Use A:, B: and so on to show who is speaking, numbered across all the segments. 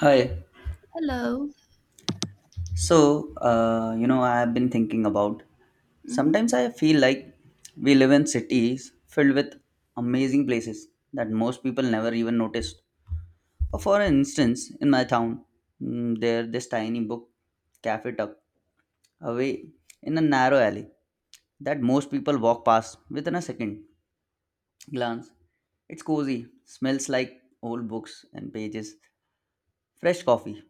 A: Hi.
B: Hello.
A: I have been thinking about
B: hmm
A: sometimes I feel like we live in cities filled with amazing places that most people never even noticed. Or for instance, in my town, there this tiny book cafe tucked away in a narrow alley that most people walk past within a second glance. It's cozy, smells like old books and pages, fresh coffee,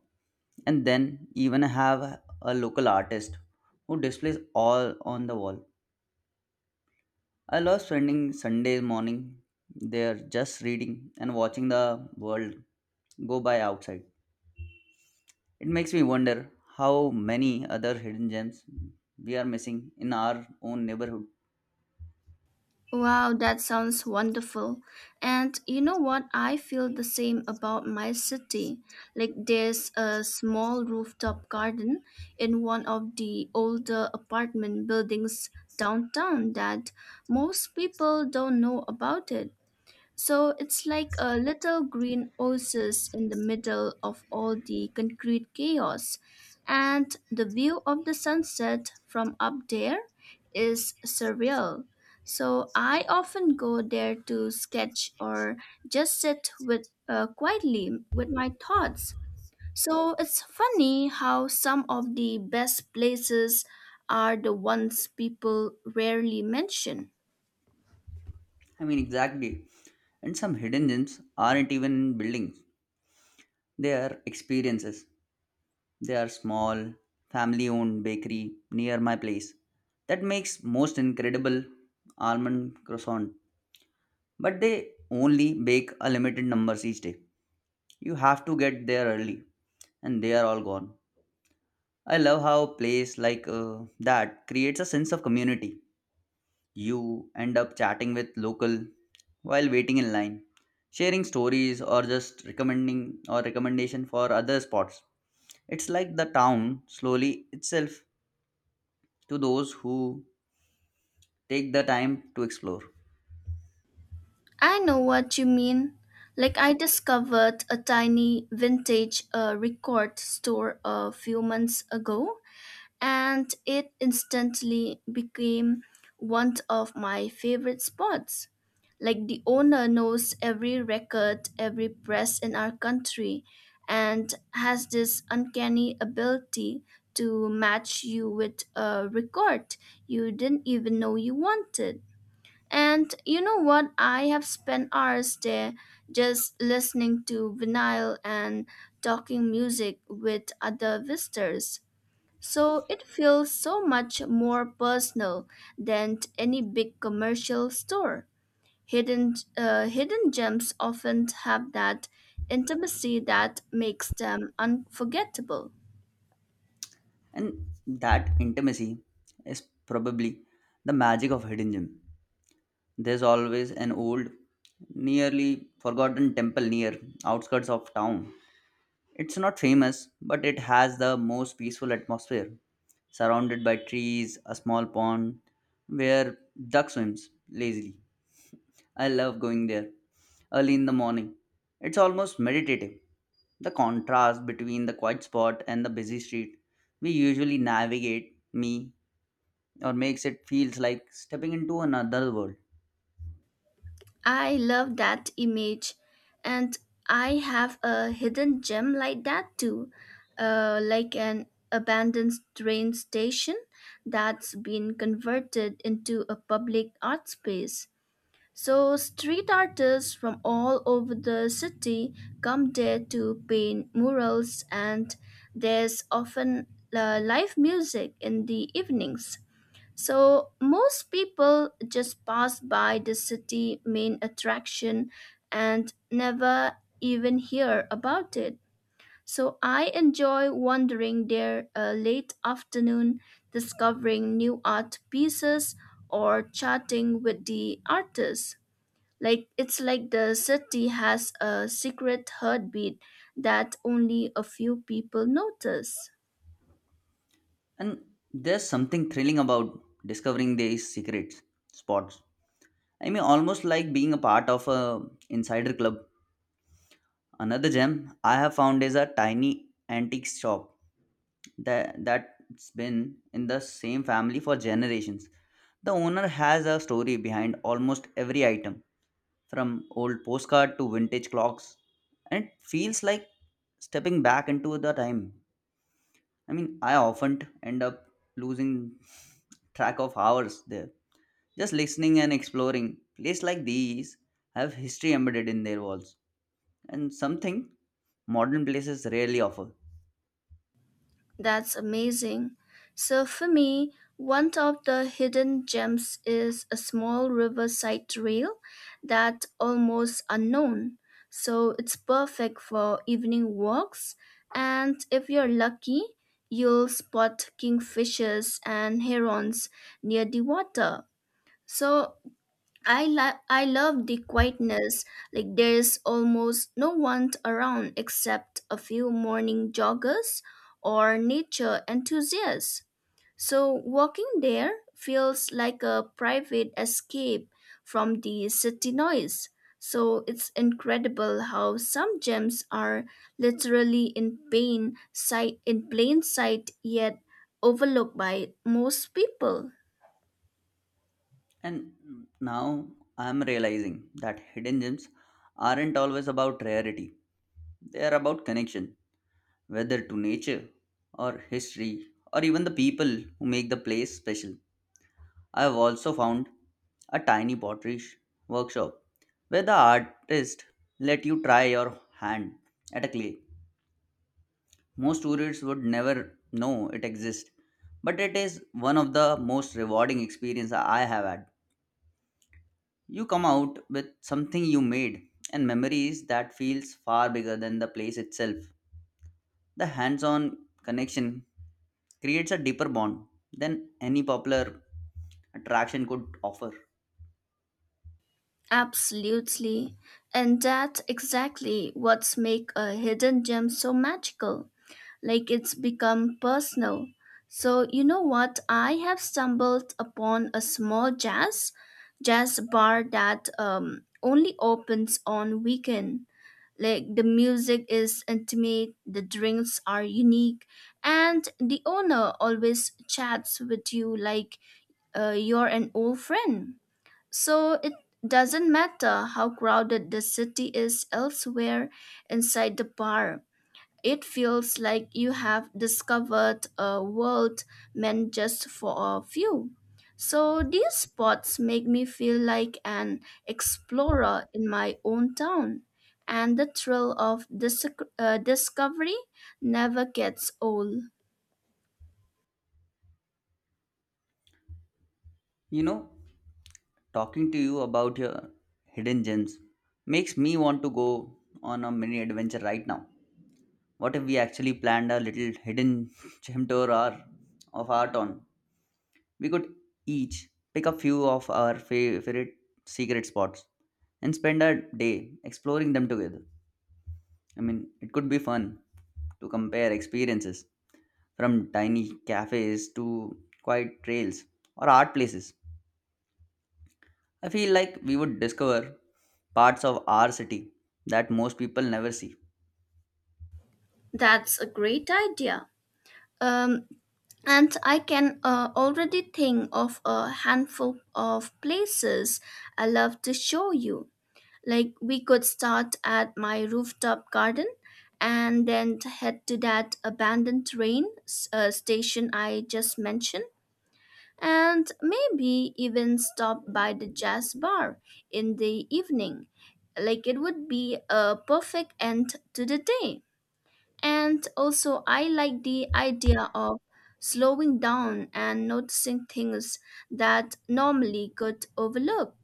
A: and then even have a local artist who displays all on the wall. I love spending Sunday morning there just reading and watching the world go by outside. It makes me wonder how many other hidden gems we are missing in our own neighborhood.
B: Wow, that sounds wonderful. And you know what? I feel the same about my city. Like, there's a small rooftop garden in one of the older apartment buildings downtown that most people don't know about it. So it's like a little green oasis in the middle of all the concrete chaos. And the view of the sunset from up there is surreal. So I often go there to sketch or just sit with quietly with my thoughts. So it's funny how some of the best places are the ones people rarely mention.
A: I mean, exactly. And some hidden gems aren't even in buildings, they are experiences. There are small, family owned bakery near my place that makes most incredible almond croissant, but they only bake a limited numbers each day. You have to get there early, and they are all gone. I love how a place like that creates a sense of community. You end up chatting with local while waiting in line, sharing stories or just recommending or recommendation for other spots. It's like the town slowly itself to those who take the time to explore.
B: I know what you mean. Like, I discovered a tiny vintage record store a few months ago, and it instantly became one of my favorite spots. Like, the owner knows every record, every press in our country, and has this uncanny ability to match you with a record you didn't even know you wanted. And you know what? I have spent hours there just listening to vinyl and talking music with other visitors. So it feels so much more personal than any big commercial store. Hidden gems often have that intimacy that makes them unforgettable.
A: And that intimacy is probably the magic of Hidden Gem. There's always an old, nearly forgotten temple near outskirts of town. It's not famous, but it has the most peaceful atmosphere, surrounded by trees, a small pond where duck swims lazily. I love going there early in the morning. It's almost meditative. The contrast between the quiet spot and the busy street we usually navigate me or makes it feels like stepping into another world.
B: I love that image, and I have a hidden gem like that too, like an abandoned train station that's been converted into a public art space. So, street artists from all over the city come there to paint murals, and there's often live music in the evenings. So most people just pass by the city main attraction and never even hear about it. So I enjoy wandering there late afternoon, discovering new art pieces or chatting with the artists. Like it's like the city has a secret heartbeat that only a few people notice.
A: And there's something thrilling about discovering these secret spots. I mean almost like being a part of a insider club. Another gem I have found is a tiny antique shop that's been in the same family for generations. The owner has a story behind almost every item, from old postcard to vintage clocks, and it feels like stepping back into the time. I mean, I often end up losing track of hours there. Just listening and exploring. Places like these have history embedded in their walls, and something modern places rarely offer.
B: That's amazing. So, for me, one of the hidden gems is a small riverside trail that's almost unknown. So, it's perfect for evening walks. And if you're lucky, you'll spot kingfishers and herons near the water. So, I love the quietness. Like there's almost no one around except a few morning joggers or nature enthusiasts. So walking there feels like a private escape from the city noise. So it's incredible how some gems are literally in plain sight yet overlooked by most people.
A: And now I'm realizing that hidden gems aren't always about rarity, they are about connection, whether to nature or history or even the people who make the place special. I have also found a tiny workshop where the artist let you try your hand at a clay. Most tourists would never know it exists, but it is one of the most rewarding experiences I have had. You come out with something you made and memories that feels far bigger than the place itself. The hands-on connection creates a deeper bond than any popular attraction could offer.
B: Absolutely. And that's exactly what's make a hidden gem so magical. Like it's become personal. So you know what? I have stumbled upon a small jazz bar that only opens on weekend. Like the music is intimate, the drinks are unique, and the owner always chats with you like you're an old friend. So it doesn't matter how crowded the city is elsewhere inside the park. It feels like you have discovered a world meant just for a few. So these spots make me feel like an explorer in my own town, and the thrill of discovery never gets old.
A: You know, talking to you about your hidden gems makes me want to go on a mini adventure right now. What if we actually planned a little hidden gem tour or of our town? We could each pick a few of our favorite secret spots and spend a day exploring them together. I mean, it could be fun to compare experiences from tiny cafes to quiet trails or art places. I feel like we would discover parts of our city that most people never see.
B: That's a great idea. Um, And I can already think of a handful of places I love to show you. Like we could start at my rooftop garden and then head to that abandoned station I just mentioned and maybe even stop by the jazz bar in the evening. Like it would be a perfect end to the day. And also, I like the idea of slowing down and noticing things that normally could overlook.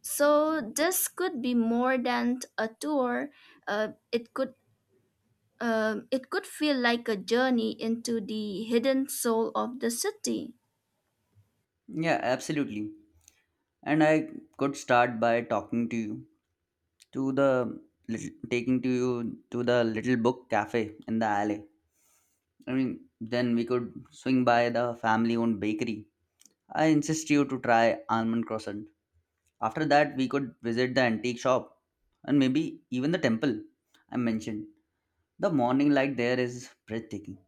B: So this could be more than a tour. It could it could feel like a journey into the hidden soul of the city.
A: Yeah, absolutely. And I could start by talking to you to the little book cafe in the alley. I mean, then we could swing by the family owned bakery. I insist you to try almond croissant. After that, we could visit the antique shop and maybe even the temple I mentioned. The morning light there is breathtaking.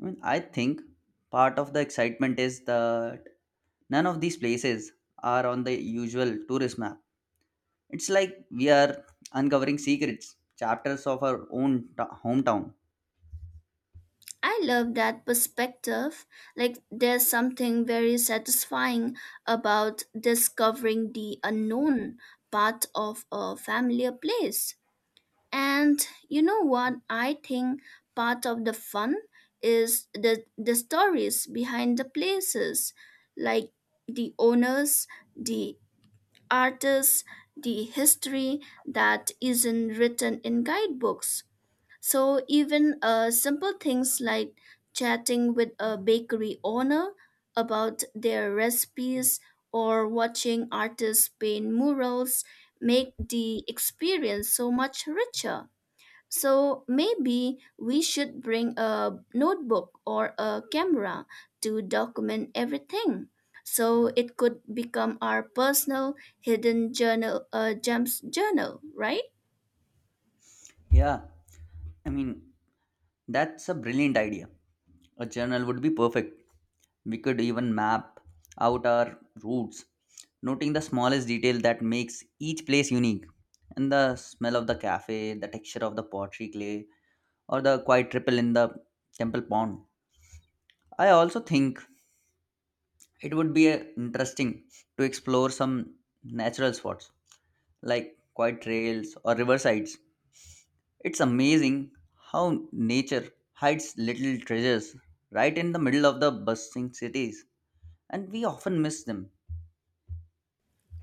A: I mean, I think part of the excitement is that none of these places are on the usual tourist map. It's like we are uncovering secrets, chapters of our own hometown.
B: I love that perspective. Like there's something very satisfying about discovering the unknown part of a familiar place. And you know what? I think part of the fun is the stories behind the places, like the owners, the artists, the history that isn't written in guidebooks. So even simple things like chatting with a bakery owner about their recipes or watching artists paint murals make the experience so much richer. So maybe we should bring a notebook or a camera to document everything. So it could become our personal gems journal, right?
A: Yeah, I mean, That's a brilliant idea. A journal would be perfect. We could even map out our routes, noting the smallest detail that makes each place unique. And the smell of the cafe, the texture of the pottery clay, or the quiet ripple in the temple pond. I also think it would be interesting to explore some natural spots like quiet trails or riversides. It's amazing how nature hides little treasures right in the middle of the bustling cities, and we often miss them.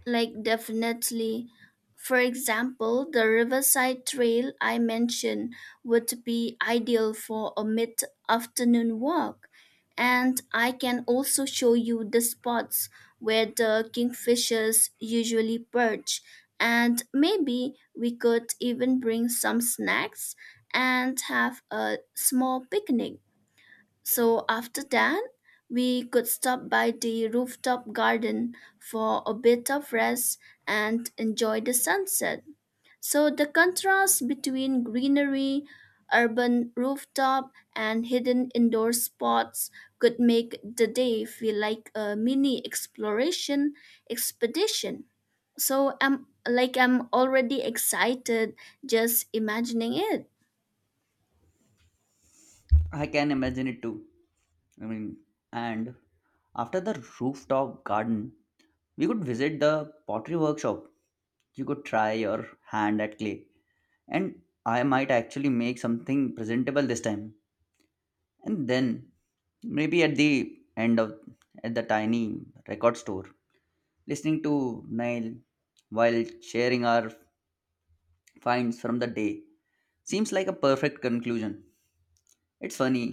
B: Like, definitely. For example, the Riverside Trail I mentioned would be ideal for a mid afternoon walk. And I can also show you the spots where the kingfishers usually perch. And maybe we could even bring some snacks and have a small picnic. So after that, we could stop by the rooftop garden for a bit of rest and enjoy the sunset. So the contrast between greenery, urban rooftop, and hidden indoor spots could make the day feel like a mini exploration expedition. So I'm already excited just imagining it.
A: I can imagine it too. I mean, and after the rooftop garden, we could visit the pottery workshop. You could try your hand at clay, and I might actually make something presentable this time. And then maybe at the end of tiny record store listening to Nile while sharing our finds from the day seems like a perfect conclusion. It's funny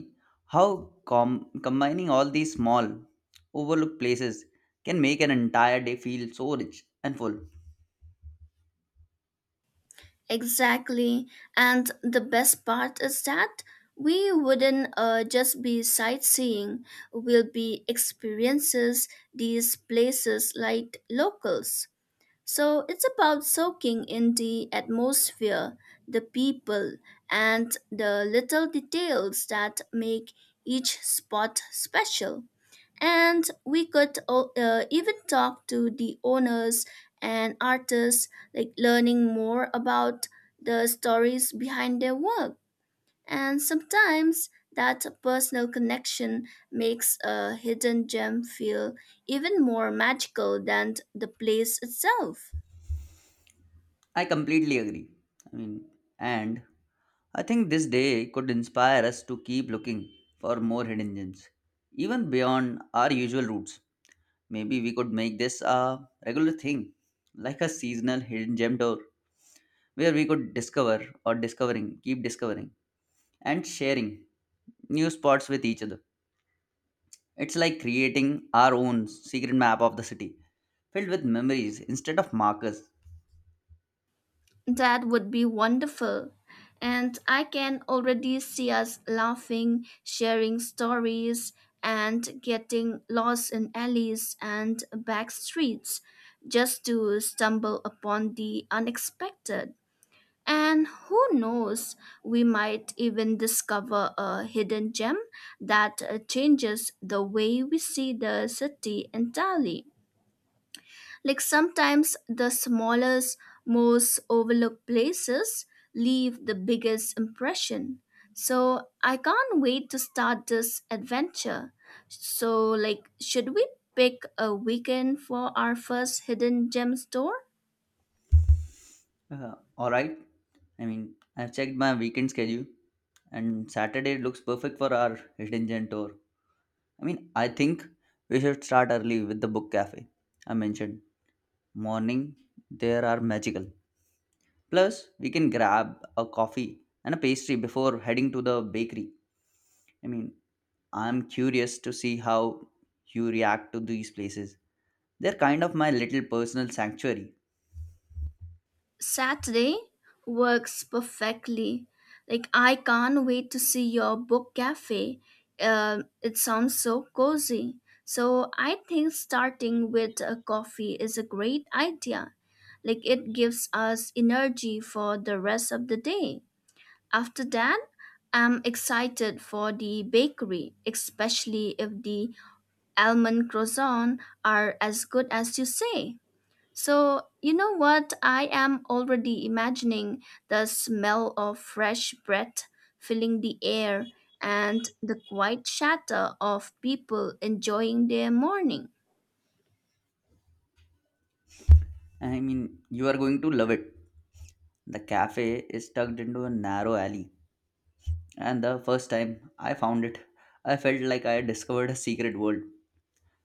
A: how combining all these small overlooked places can make an entire day feel so rich and full.
B: Exactly. And the best part is that we wouldn't just be sightseeing, we'll be experiences these places like locals. So it's about soaking in the atmosphere, the people, and the little details that make each spot special. And we could even talk to the owners and artists, like learning more about the stories behind their work. And sometimes that personal connection makes a hidden gem feel even more magical than the place itself.
A: I completely agree. I mean and I think this day could inspire us to keep looking for more hidden gems, even beyond our usual routes. Maybe we could make this a regular thing, like a seasonal hidden gem tour, where we could keep discovering, and sharing new spots with each other. It's like creating our own secret map of the city, filled with memories instead of markers.
B: That would be wonderful. And I can already see us laughing, sharing stories, and getting lost in alleys and back streets just to stumble upon the unexpected. And who knows, we might even discover a hidden gem that changes the way we see the city entirely. Like sometimes the smallest, most overlooked places leave the biggest impression. So I can't wait to start this adventure. So, like, should we pick a weekend for our first hidden gem store?
A: All right. I mean, I've checked my weekend schedule, and Saturday looks perfect for our hidden gem tour. I mean, I think we should start early with the book cafe. I mentioned morning; there are magical. Plus, we can grab a coffee and a pastry before heading to the bakery. I mean, I'm curious to see how you react to these places. They're kind of my little personal sanctuary.
B: Saturday works perfectly. Like, I can't wait to see your book cafe. It sounds so cozy. So, I think starting with a coffee is a great idea. Like, it gives us energy for the rest of the day. After that, I'm excited for the bakery, especially if the almond croissant are as good as you say. So, you know what? I am already imagining the smell of fresh breath filling the air and the quiet chatter of people enjoying their morning.
A: I mean, you are going to love it. The cafe is tucked into a narrow alley, and the first time I found it, I felt like I had discovered a secret world.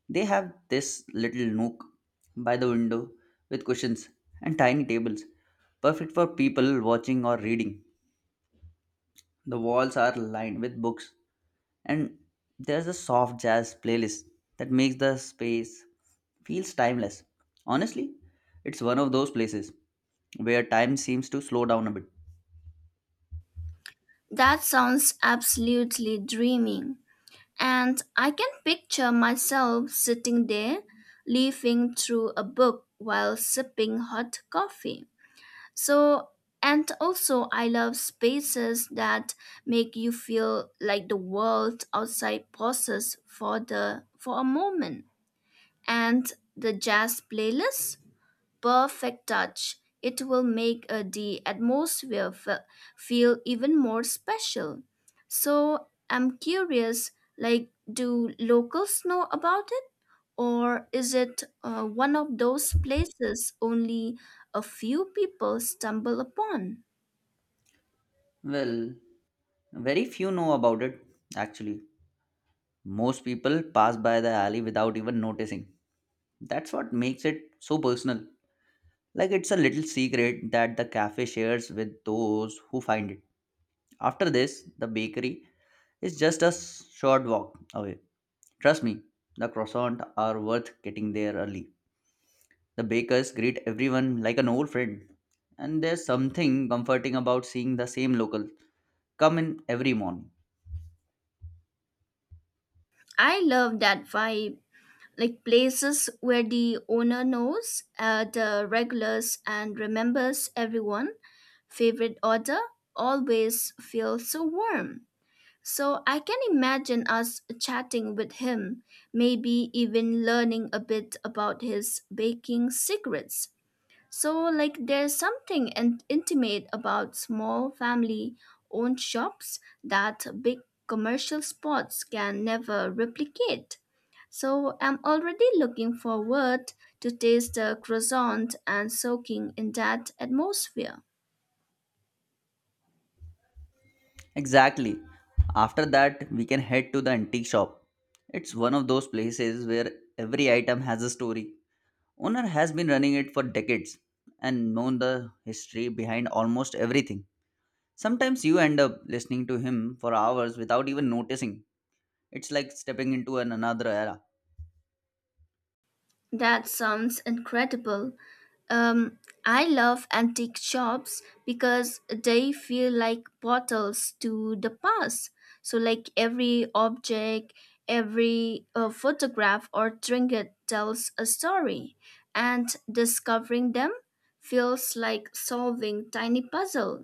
A: They have this little nook by the window with cushions and tiny tables, perfect for people watching or reading. The walls are lined with books, and there's a soft jazz playlist that makes the space feels timeless. Honestly, it's one of those places where time seems to slow down a bit.
B: That sounds absolutely dreaming. And I can picture myself sitting there, leafing through a book while sipping hot coffee. So, and also, I love spaces that make you feel like the world outside pauses for the for a moment. And the jazz playlist perfect touch. It will make the atmosphere feel even more special. So I'm curious like, do locals know about it? Or is it one of those places only a few people stumble upon?
A: Well, very few know about it, actually. Most people pass by the alley without even noticing. That's what makes it so personal. Like it's a little secret that the cafe shares with those who find it. After this, the bakery is just a short walk away. Trust me, the croissants are worth getting there early. The bakers greet everyone like an old friend. And there's something comforting about seeing the same local come in every morning.
B: I love that vibe like places where the owner knows the regulars and remembers everyone favorite order always feel so warm. So I can imagine us chatting with him, maybe even learning a bit about his baking secrets. So like there's something intimate about small family owned shops that big commercial spots can never replicate. So I'm already looking forward to taste the croissant and soaking in that atmosphere.
A: Exactly. After that, we can head to the antique shop. It's one of those places where every item has a story. Owner has been running it for decades and known the history behind almost everything. Sometimes you end up listening to him for hours without even noticing. It's like stepping into an another era.
B: That sounds incredible. Um, I love antique shops because they feel like portals to the past. So, like every object, every photograph or trinket tells a story, and discovering them feels like solving tiny puzzle.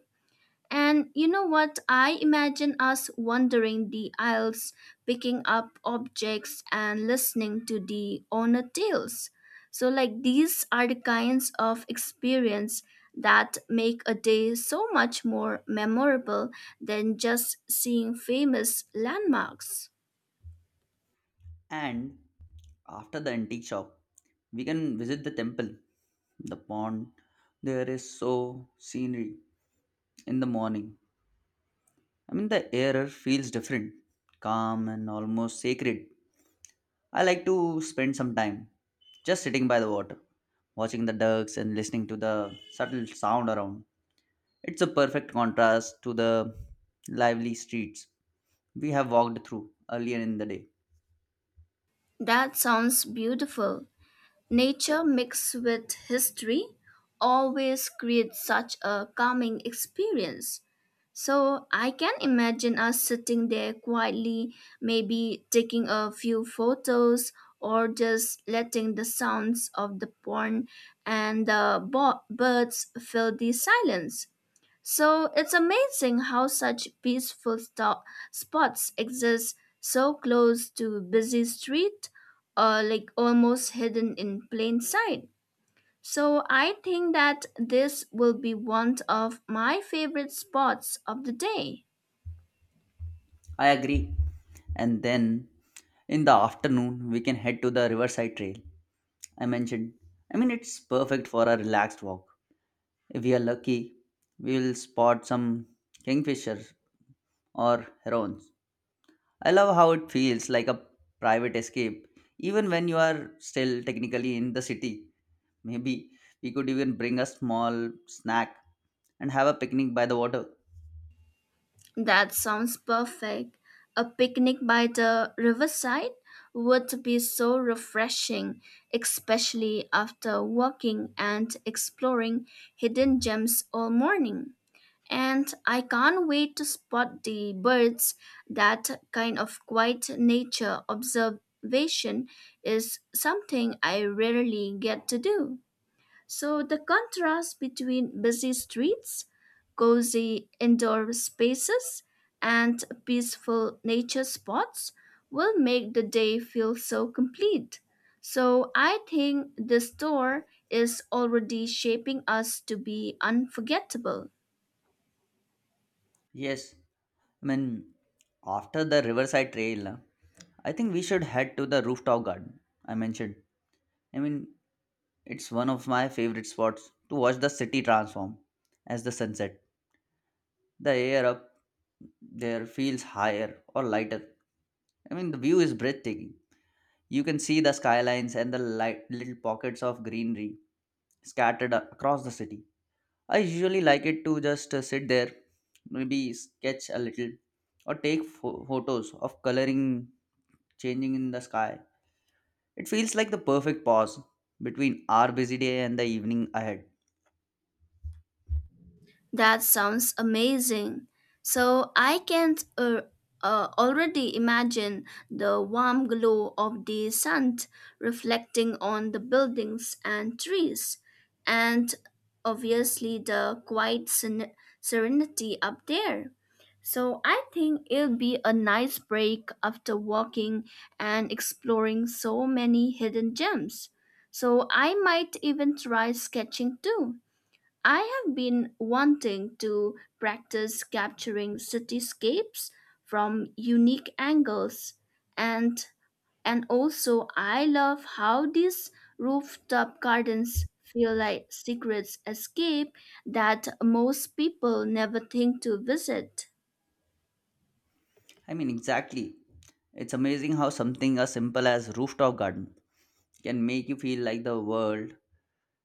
B: And you know what? I imagine us wandering the aisles, picking up objects and listening to the owner tales. So, like, these are the kinds of experience that make a day so much more memorable than just seeing famous landmarks.
A: And after the antique shop, we can visit the temple, the pond. There is so scenery in the morning. I mean, the air feels different, calm and almost sacred. I like to spend some time just sitting by the water, watching the ducks and listening to the subtle sound around. It's a perfect contrast to the lively streets we have walked through earlier in the day.
B: That sounds beautiful. Nature mixed with history always creates such a calming experience. So I can imagine us sitting there quietly, maybe taking a few photos or just letting the sounds of the pond and the birds fill the silence. So it's amazing how such peaceful spots exist so close to busy street or like almost hidden in plain sight. So I think that this will be one of my favorite spots of the day.
A: I agree. And then in the afternoon, we can head to the Riverside Trail I mentioned. I mean, it's perfect for a relaxed walk. If we are lucky, we will spot some kingfishers or herons. I love how it feels like a private escape, even when you are still technically in the city. Maybe we could even bring a small snack and have a picnic by the water.
B: That sounds perfect. A picnic by the riverside would be so refreshing, especially after walking and exploring hidden gems all morning. And I can't wait to spot the birds. That kind of quiet nature observation is something I rarely get to do. So the contrast between busy streets, cozy indoor spaces, and peaceful nature spots will make the day feel so complete. So I think this tour is already shaping us to be unforgettable.
A: Yes, I mean, after the Riverside Trail, I think we should head to the rooftop garden I mentioned. I mean, it's one of my favorite spots to watch the city transform as the sunset. The air up there feels higher or lighter. I mean, the view is breathtaking. You can see the skylines and the light, little pockets of greenery scattered across the city. I usually like it to just sit there, maybe sketch a little, or take photos of coloring changing in the sky. It feels like the perfect pause between our busy day and the evening ahead.
B: That sounds amazing. So I can already imagine the warm glow of the sun reflecting on the buildings and trees, and obviously the quiet serenity up there. So I think it'll be a nice break after walking and exploring so many hidden gems. So I might even try sketching too. I have been wanting to practice capturing cityscapes from unique angles, and also I love how these rooftop gardens feel like secret escape that most people never think to visit.
A: I mean, exactly. It's amazing how something as simple as rooftop garden can make you feel like the world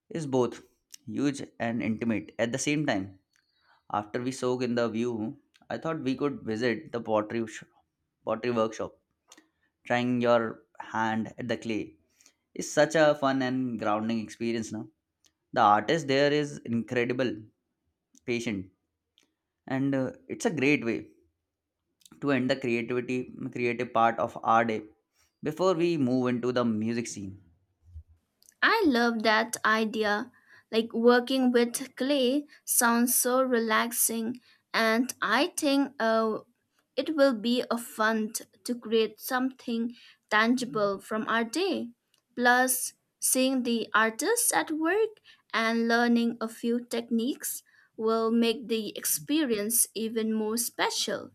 A: is both huge and intimate at the same time. After we soak in the view, I thought we could visit the pottery workshop. Trying your hand at the clay is such a fun and grounding experience now. The artist there is incredible, patient, and it's a great way to end the creativity creative part of our day before we move into the music scene.
B: I love that idea. Like working with clay sounds so relaxing, and I think it will be a to create something tangible from our day. Plus, seeing the artists at work and learning a few techniques will make the experience even more special.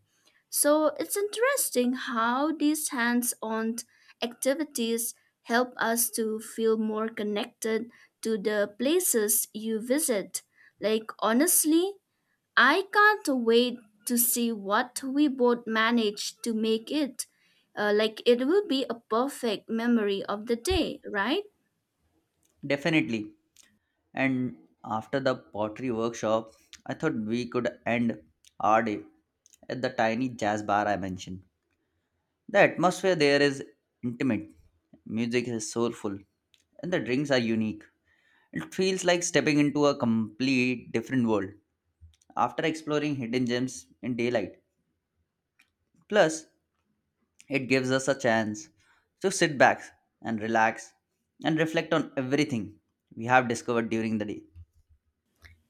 B: So it's interesting how these hands on activities help us to feel more connected to the places you visit. Like, honestly, I can't wait to see what we both manage to make it. Like, it will be a perfect memory of the day, right?
A: Definitely. And after the pottery workshop, I thought we could end our day at the tiny jazz bar I mentioned. The atmosphere there is intimate, music is soulful, and the drinks are unique. It feels like stepping into a complete different world after exploring hidden gems in daylight. Plus, it gives us a chance to sit back and relax and reflect on everything we have discovered during the day.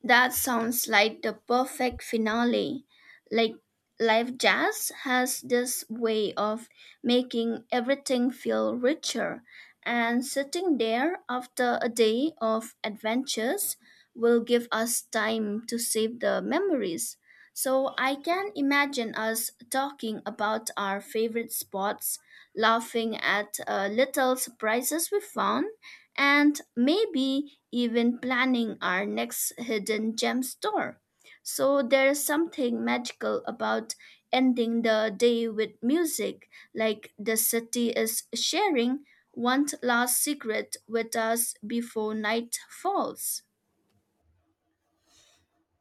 B: That sounds like the perfect finale. Like live jazz has this way of making everything feel richer, and sitting there after a day of adventures will give us time to save the memories. So I can imagine us talking about our favorite spots, laughing at little surprises we found, and maybe even planning our next hidden gem store. So there's something magical about ending the day with music, like the city is sharing one last secret with us before night falls.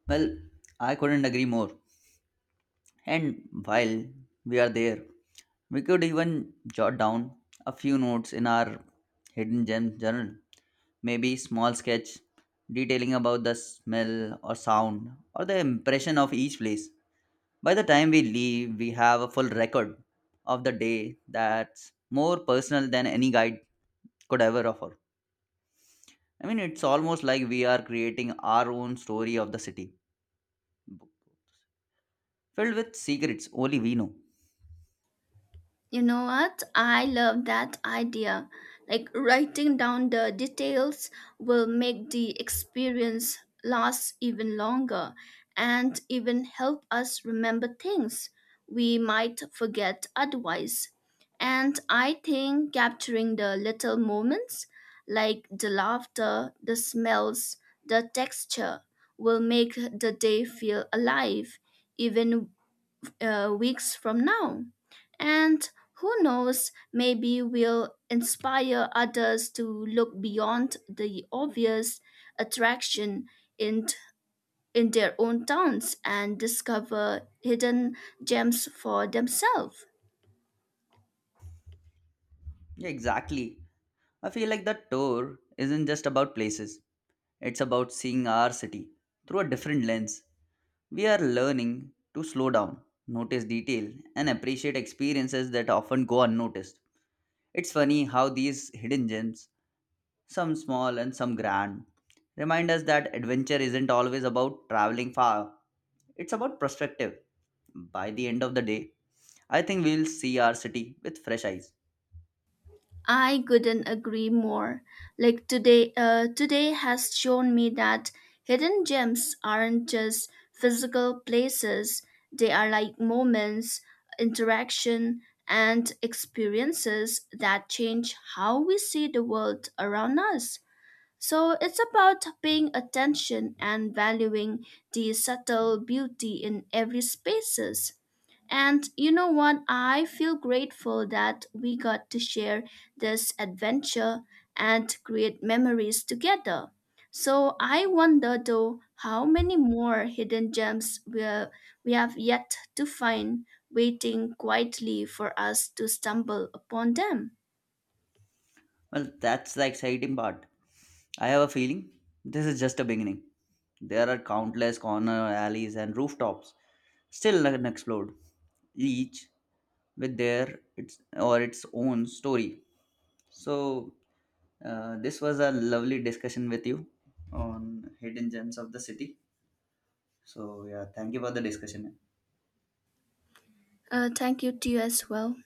A: Well, I couldn't agree more. And while we are there, we could even jot down a few notes in our hidden gem journal. Maybe small sketch detailing about the smell or sound or the impression of each place. By the time we leave, we have a full record of the day that's more personal than any guide could ever offer. I mean, it's almost like we are creating our own story of the city, b- filled with secrets only we know.
B: You know what? I love that idea. Like writing down the details will make the experience last even longer and even help us remember things we might forget otherwise. And I think capturing the little moments, like the laughter, the smells, the texture, will make the day feel alive, even weeks from now. And who knows, maybe we'll inspire others to look beyond the obvious attraction in, in their own towns and discover hidden gems for themselves.
A: Yeah, exactly. I feel like the tour isn't just about places, it's about seeing our city through a different lens. We are learning to slow down, notice detail, and appreciate experiences that often go unnoticed. It's funny how these hidden gems, some small and some grand, remind us that adventure isn't always about traveling far, it's about perspective. By the end of the day, I think we'll see our city with fresh eyes.
B: I couldn't agree more. Like today has shown me that hidden gems aren't just physical places. They are like moments, interaction, and experiences that change how we see the world around us. So it's about paying attention and valuing the subtle beauty in every spaces. And you know what? I feel grateful that we got to share this adventure and create memories together. So I wonder though how many more hidden gems we have yet to find waiting quietly for us to stumble upon them.
A: Well, that's the exciting part. I have a feeling this is just a beginning. There are countless corner alleys and rooftops still unexplored, each with their its or its own story. So, this was a lovely discussion with you on hidden gems of the city. So, yeah, thank you for the discussion.
B: Thank you to you as well.